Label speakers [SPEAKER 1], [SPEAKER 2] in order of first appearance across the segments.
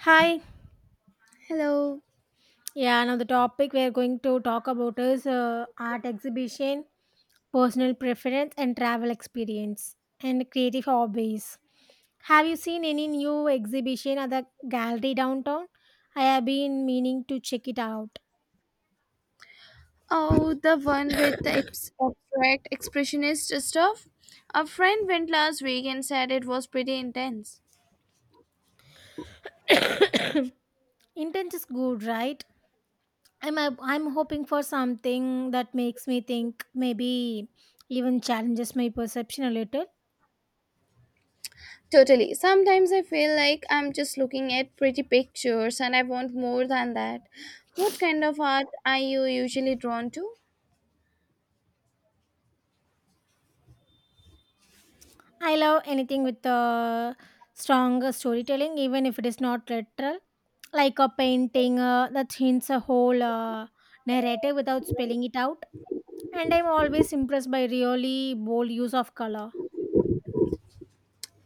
[SPEAKER 1] Hi.
[SPEAKER 2] Hello.
[SPEAKER 1] Yeah, now the topic we are going to talk about is art exhibition, personal preference, and travel experience, and creative hobbies. Have you seen any new exhibition at the gallery downtown? I have been meaning to check it out.
[SPEAKER 2] Oh, the one with the abstract expressionist stuff. A friend went last week and said it was pretty intense.
[SPEAKER 1] Intense is good, right? I'm hoping for something that makes me think, maybe even challenges my perception a little.
[SPEAKER 2] Totally. Sometimes I feel like I'm just looking at pretty pictures and I want more than that. What kind of art are you usually drawn to?
[SPEAKER 1] I love anything with a strong storytelling, even if it is not literal, like a painting that hints a whole narrative without spelling it out. And I'm always impressed by really bold use of color.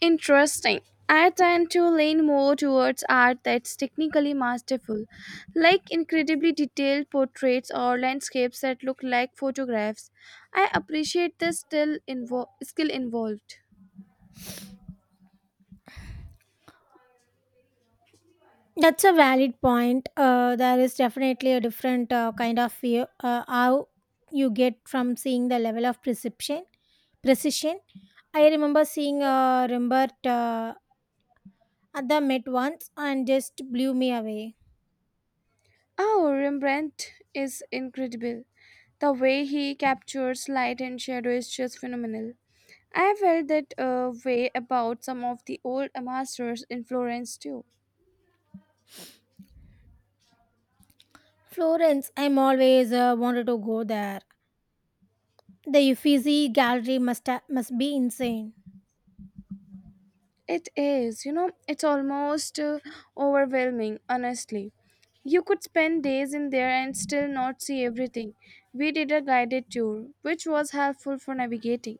[SPEAKER 2] Interesting. I tend to lean more towards art that's technically masterful, like incredibly detailed portraits or landscapes that look like photographs. I appreciate the skill involved.
[SPEAKER 1] That's a valid point. There is definitely a different kind of view, how you get from seeing the level of perception, precision. I remember seeing Rembert at the Met once and just blew me away.
[SPEAKER 2] Oh, Rembrandt is incredible. The way he captures light and shadow is just phenomenal. I felt that way about some of the old masters in Florence too.
[SPEAKER 1] Florence, I'm always wanted to go there. The Uffizi Gallery must be insane.
[SPEAKER 2] It is, you know, it's almost overwhelming, honestly. You could spend days in there and still not see everything. We did a guided tour, which was helpful for navigating.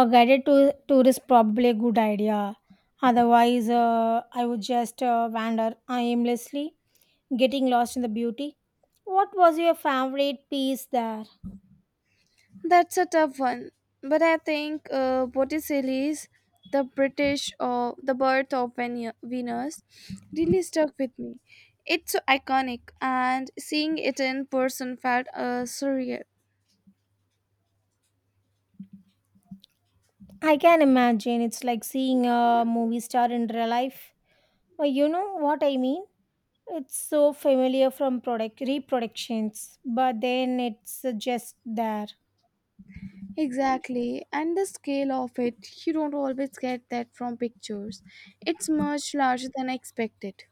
[SPEAKER 1] A tour is probably a good idea. Otherwise, I would just wander aimlessly, getting lost in the beauty. What was your favorite piece there?
[SPEAKER 2] That's a tough one, but I think Botticelli is the British or the birth of Venus really stuck with me. It's so iconic, and seeing it in person felt surreal.
[SPEAKER 1] I can imagine it's like seeing a movie star in real life. You know what I mean? It's so familiar from product reproductions, but then it's just there.
[SPEAKER 2] Exactly, and the scale of it, you don't always get that from pictures. It's much larger than I expected.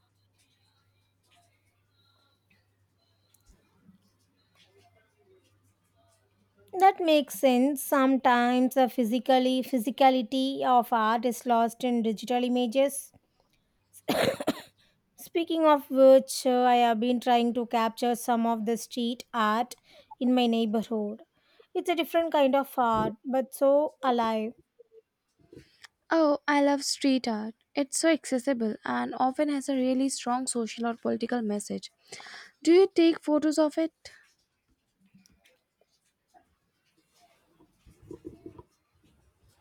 [SPEAKER 1] That makes sense. Sometimes the physically physicality of art is lost in digital images. Speaking of which, I have been trying to capture some of the street art in my neighborhood. It's a different kind of art, but so alive.
[SPEAKER 2] Oh, I love street art. It's so accessible and often has a really strong social or political message. Do you take photos of it?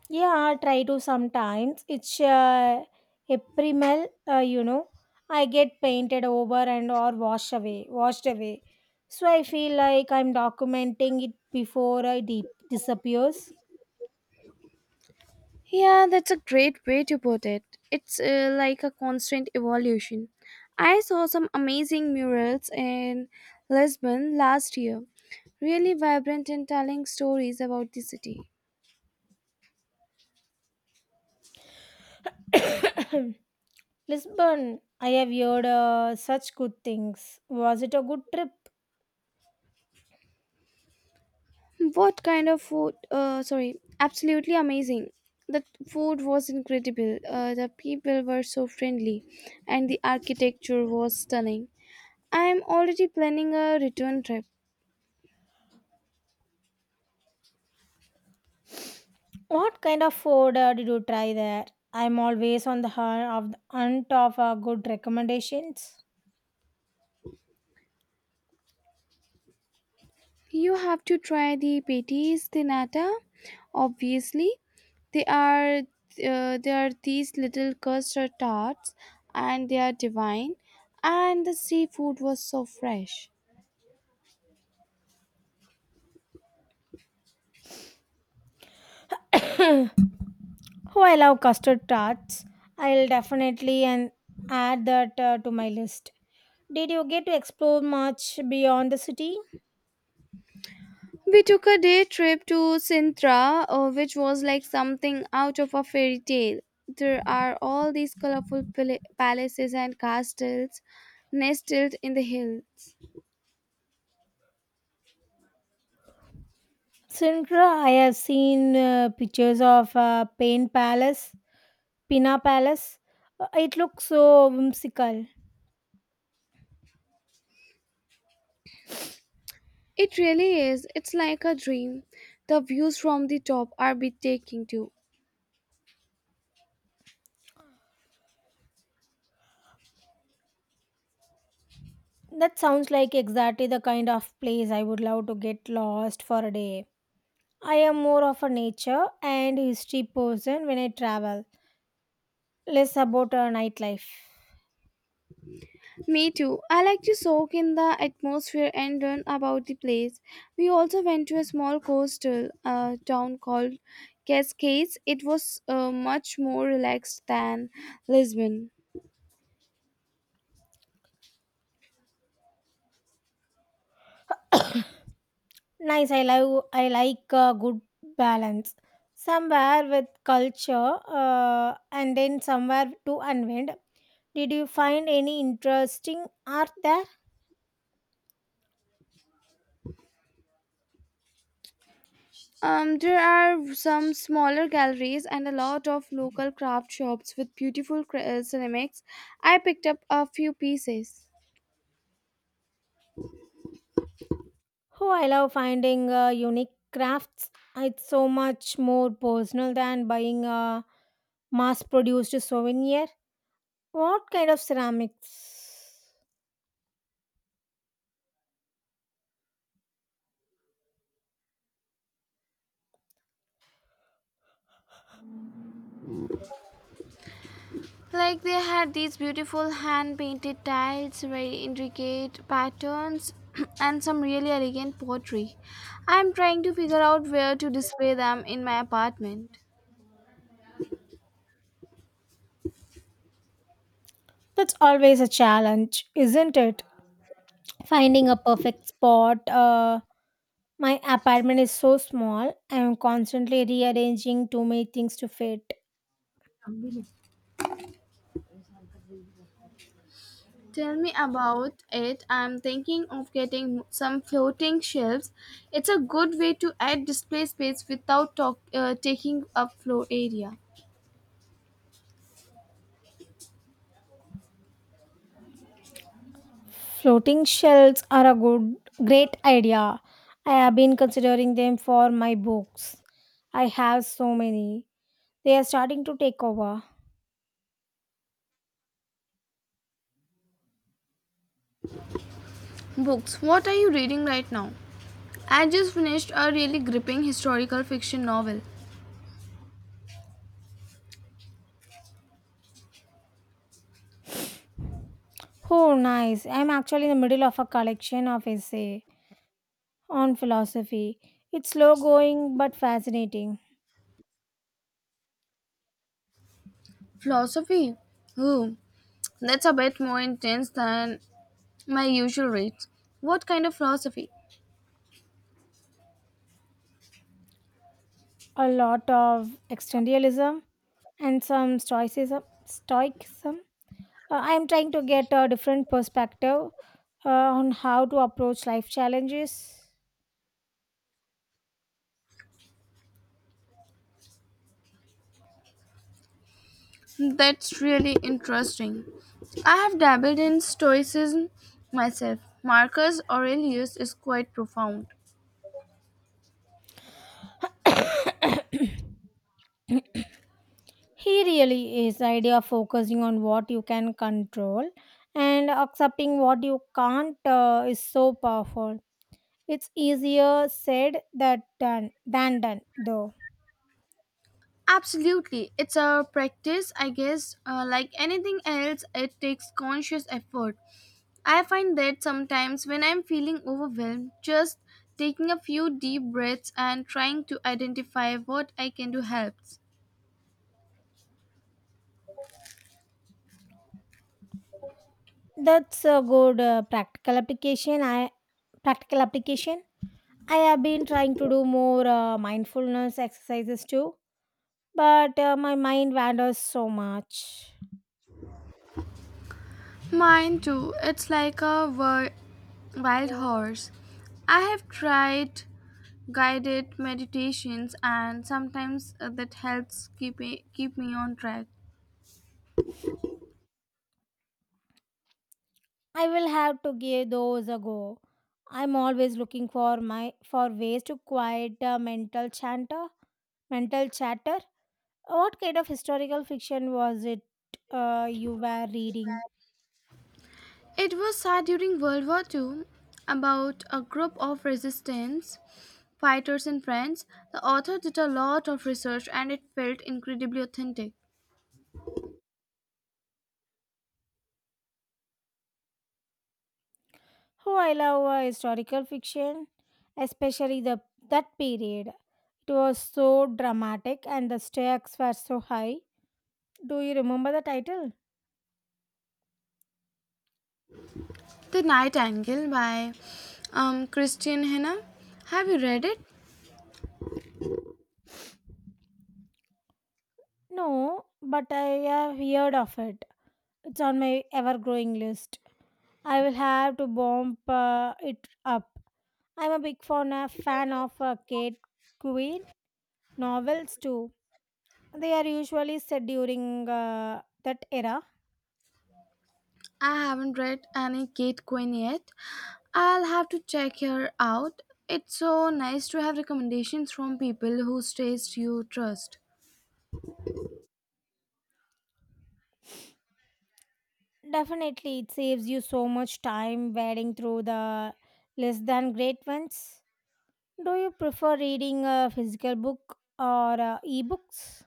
[SPEAKER 1] Yeah, I try to sometimes. It's ephemeral, you know. I get painted over and or washed away. So I feel like I'm documenting it before I deep disappears.
[SPEAKER 2] Yeah, that's a great way to put it. It's like a constant evolution. I saw some amazing murals in Lisbon last year, really vibrant and telling stories about the city.
[SPEAKER 1] Lisbon, I have heard such good things. Was it a good trip?
[SPEAKER 2] What kind of food? Sorry, absolutely amazing. The food was incredible. The people were so friendly, and the architecture was stunning. I am already planning a return trip.
[SPEAKER 1] What kind of food did you try there? I'm always on hunt of good recommendations.
[SPEAKER 2] You have to try the Petis de Nata, obviously. They are these little custard tarts, and they are divine. And the seafood was so fresh.
[SPEAKER 1] Oh, I love custard tarts. I'll definitely and add that to my list. Did you get to explore much beyond the city?
[SPEAKER 2] We took a day trip to Sintra, which was like something out of a fairy tale. There are all these colorful palaces and castles nestled in the hills.
[SPEAKER 1] Sintra, I have seen pictures of Pina Palace. It looks so whimsical.
[SPEAKER 2] It really is. It's like a dream. The views from the top are breathtaking too.
[SPEAKER 1] That sounds like exactly the kind of place I would love to get lost for a day. I am more of a nature and history person when I travel, less about a nightlife.
[SPEAKER 2] Me too. I like to soak in the atmosphere and learn about the place. We also went to a small coastal town called Cascades. It was much more relaxed than Lisbon.
[SPEAKER 1] Nice. I love. I like a good balance. Somewhere with culture, and then somewhere to unwind. Did you find any interesting art there?
[SPEAKER 2] There are some smaller galleries and a lot of local craft shops with beautiful ceramics. I picked up a few pieces.
[SPEAKER 1] Oh, I love finding unique crafts. It's so much more personal than buying a mass-produced souvenir. What kind of ceramics?
[SPEAKER 2] Like they had these beautiful hand painted tiles, very intricate patterns, and some really elegant pottery. I'm trying to figure out where to display them in my apartment.
[SPEAKER 1] That's always a challenge, isn't it? Finding a perfect spot. My apartment is so small, I am constantly rearranging too many things to fit.
[SPEAKER 2] Tell me about it. I'm thinking of getting some floating shelves. It's a good way to add display space without taking up floor area.
[SPEAKER 1] Floating shelves are a good great idea. I have been considering them for my books. I have so many. They are starting to take over.
[SPEAKER 2] Books. What are you reading right now? I just finished a really gripping historical fiction novel.
[SPEAKER 1] Oh, nice. I'm actually in the middle of a collection of essay on philosophy. It's slow going but fascinating.
[SPEAKER 2] Philosophy. Ooh, that's a bit more intense than my usual reads. What kind of philosophy?
[SPEAKER 1] A lot of existentialism and some stoicism. I am trying to get a different perspective on how to approach life challenges.
[SPEAKER 2] That's really interesting. I have dabbled in Stoicism myself. Marcus Aurelius is quite profound.
[SPEAKER 1] He really is. The idea of focusing on what you can control and accepting what you can't is so powerful. It's easier said that done than done though.
[SPEAKER 2] Absolutely. It's a practice, I guess. Like anything else, it takes conscious effort. I find that sometimes when I'm feeling overwhelmed, just taking a few deep breaths and trying to identify what I can do helps.
[SPEAKER 1] That's a good practical application. I practical application. I have been trying to do more mindfulness exercises too, but my mind wanders so much.
[SPEAKER 2] Mine too. It's like a wild horse. I have tried guided meditations and sometimes that helps keep me on track.
[SPEAKER 1] I will have to give those a go. I'm always looking for ways to quiet mental chatter. What kind of historical fiction was it you were reading?
[SPEAKER 2] It was said during World War II about a group of resistance fighters in France. The author did a lot of research and it felt incredibly authentic.
[SPEAKER 1] Oh, I love historical fiction, especially the that period. It was so dramatic and the stakes were so high. Do you remember the title?
[SPEAKER 2] The Night Angle by Christian Henna. Have you read it?
[SPEAKER 1] No, but I have heard of it. It's on my ever growing list. I will have to bump it up. I'm a big fan of Kate Quinn novels too. They are usually set during that era.
[SPEAKER 2] I haven't read any Kate Quinn yet. I'll have to check her out. It's so nice to have recommendations from people whose taste you trust.
[SPEAKER 1] Definitely, it saves you so much time wading through the less than great ones. Do you prefer reading a physical book or ebooks?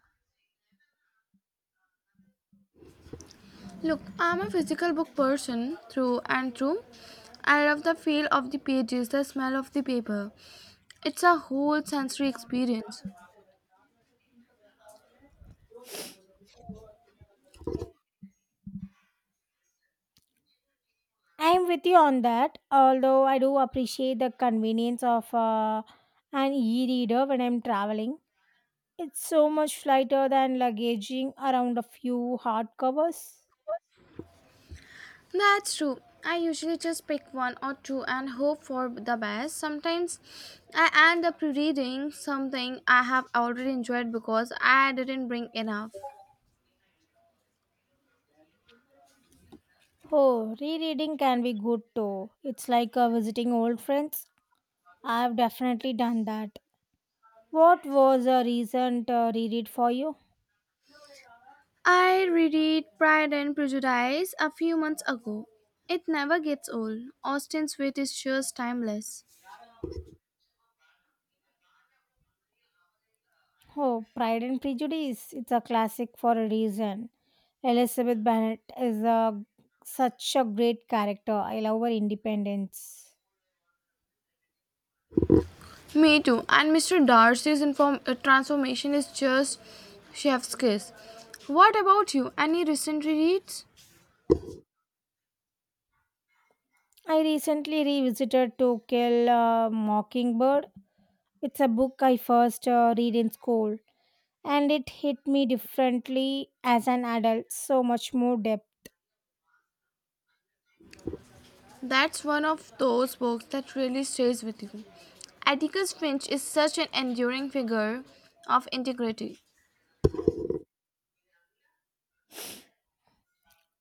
[SPEAKER 2] Look, I'm a physical book person through and through. I love the feel of the pages, the smell of the paper. It's a whole sensory experience.
[SPEAKER 1] I'm with you on that, although I do appreciate the convenience of an e reader when I'm traveling. It's so much lighter than luggaging around a few hardcovers.
[SPEAKER 2] That's true. I usually just pick one or two and hope for the best. Sometimes I end up reading something I have already enjoyed because I didn't bring enough.
[SPEAKER 1] Oh, rereading can be good too. It's like visiting old friends. I've definitely done that. What was a recent reread for you?
[SPEAKER 2] I reread Pride and Prejudice a few months ago. It never gets old. Austen's wit is just timeless.
[SPEAKER 1] Oh, Pride and Prejudice. It's a classic for a reason. Elizabeth Bennet such a great character. I love her independence.
[SPEAKER 2] Me too. And Mr. Darcy's transformation is just chef's kiss. What about you? Any recent reads?
[SPEAKER 1] I recently revisited To Kill a Mockingbird. It's a book I first read in school, and it hit me differently as an adult, so much more depth.
[SPEAKER 2] That's one of those books that really stays with you. Atticus Finch is such an enduring figure of integrity.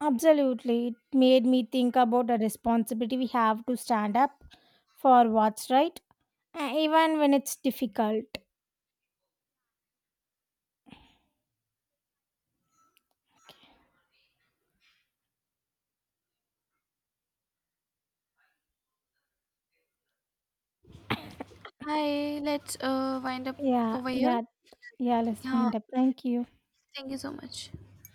[SPEAKER 1] Absolutely, it made me think about the responsibility we have to stand up for what's right, even when it's difficult.
[SPEAKER 2] Hi, let's wind up
[SPEAKER 1] yeah
[SPEAKER 2] over here.
[SPEAKER 1] yeah yeah, let's
[SPEAKER 2] Yeah,
[SPEAKER 1] wind up. Thank you.
[SPEAKER 2] thank you so much.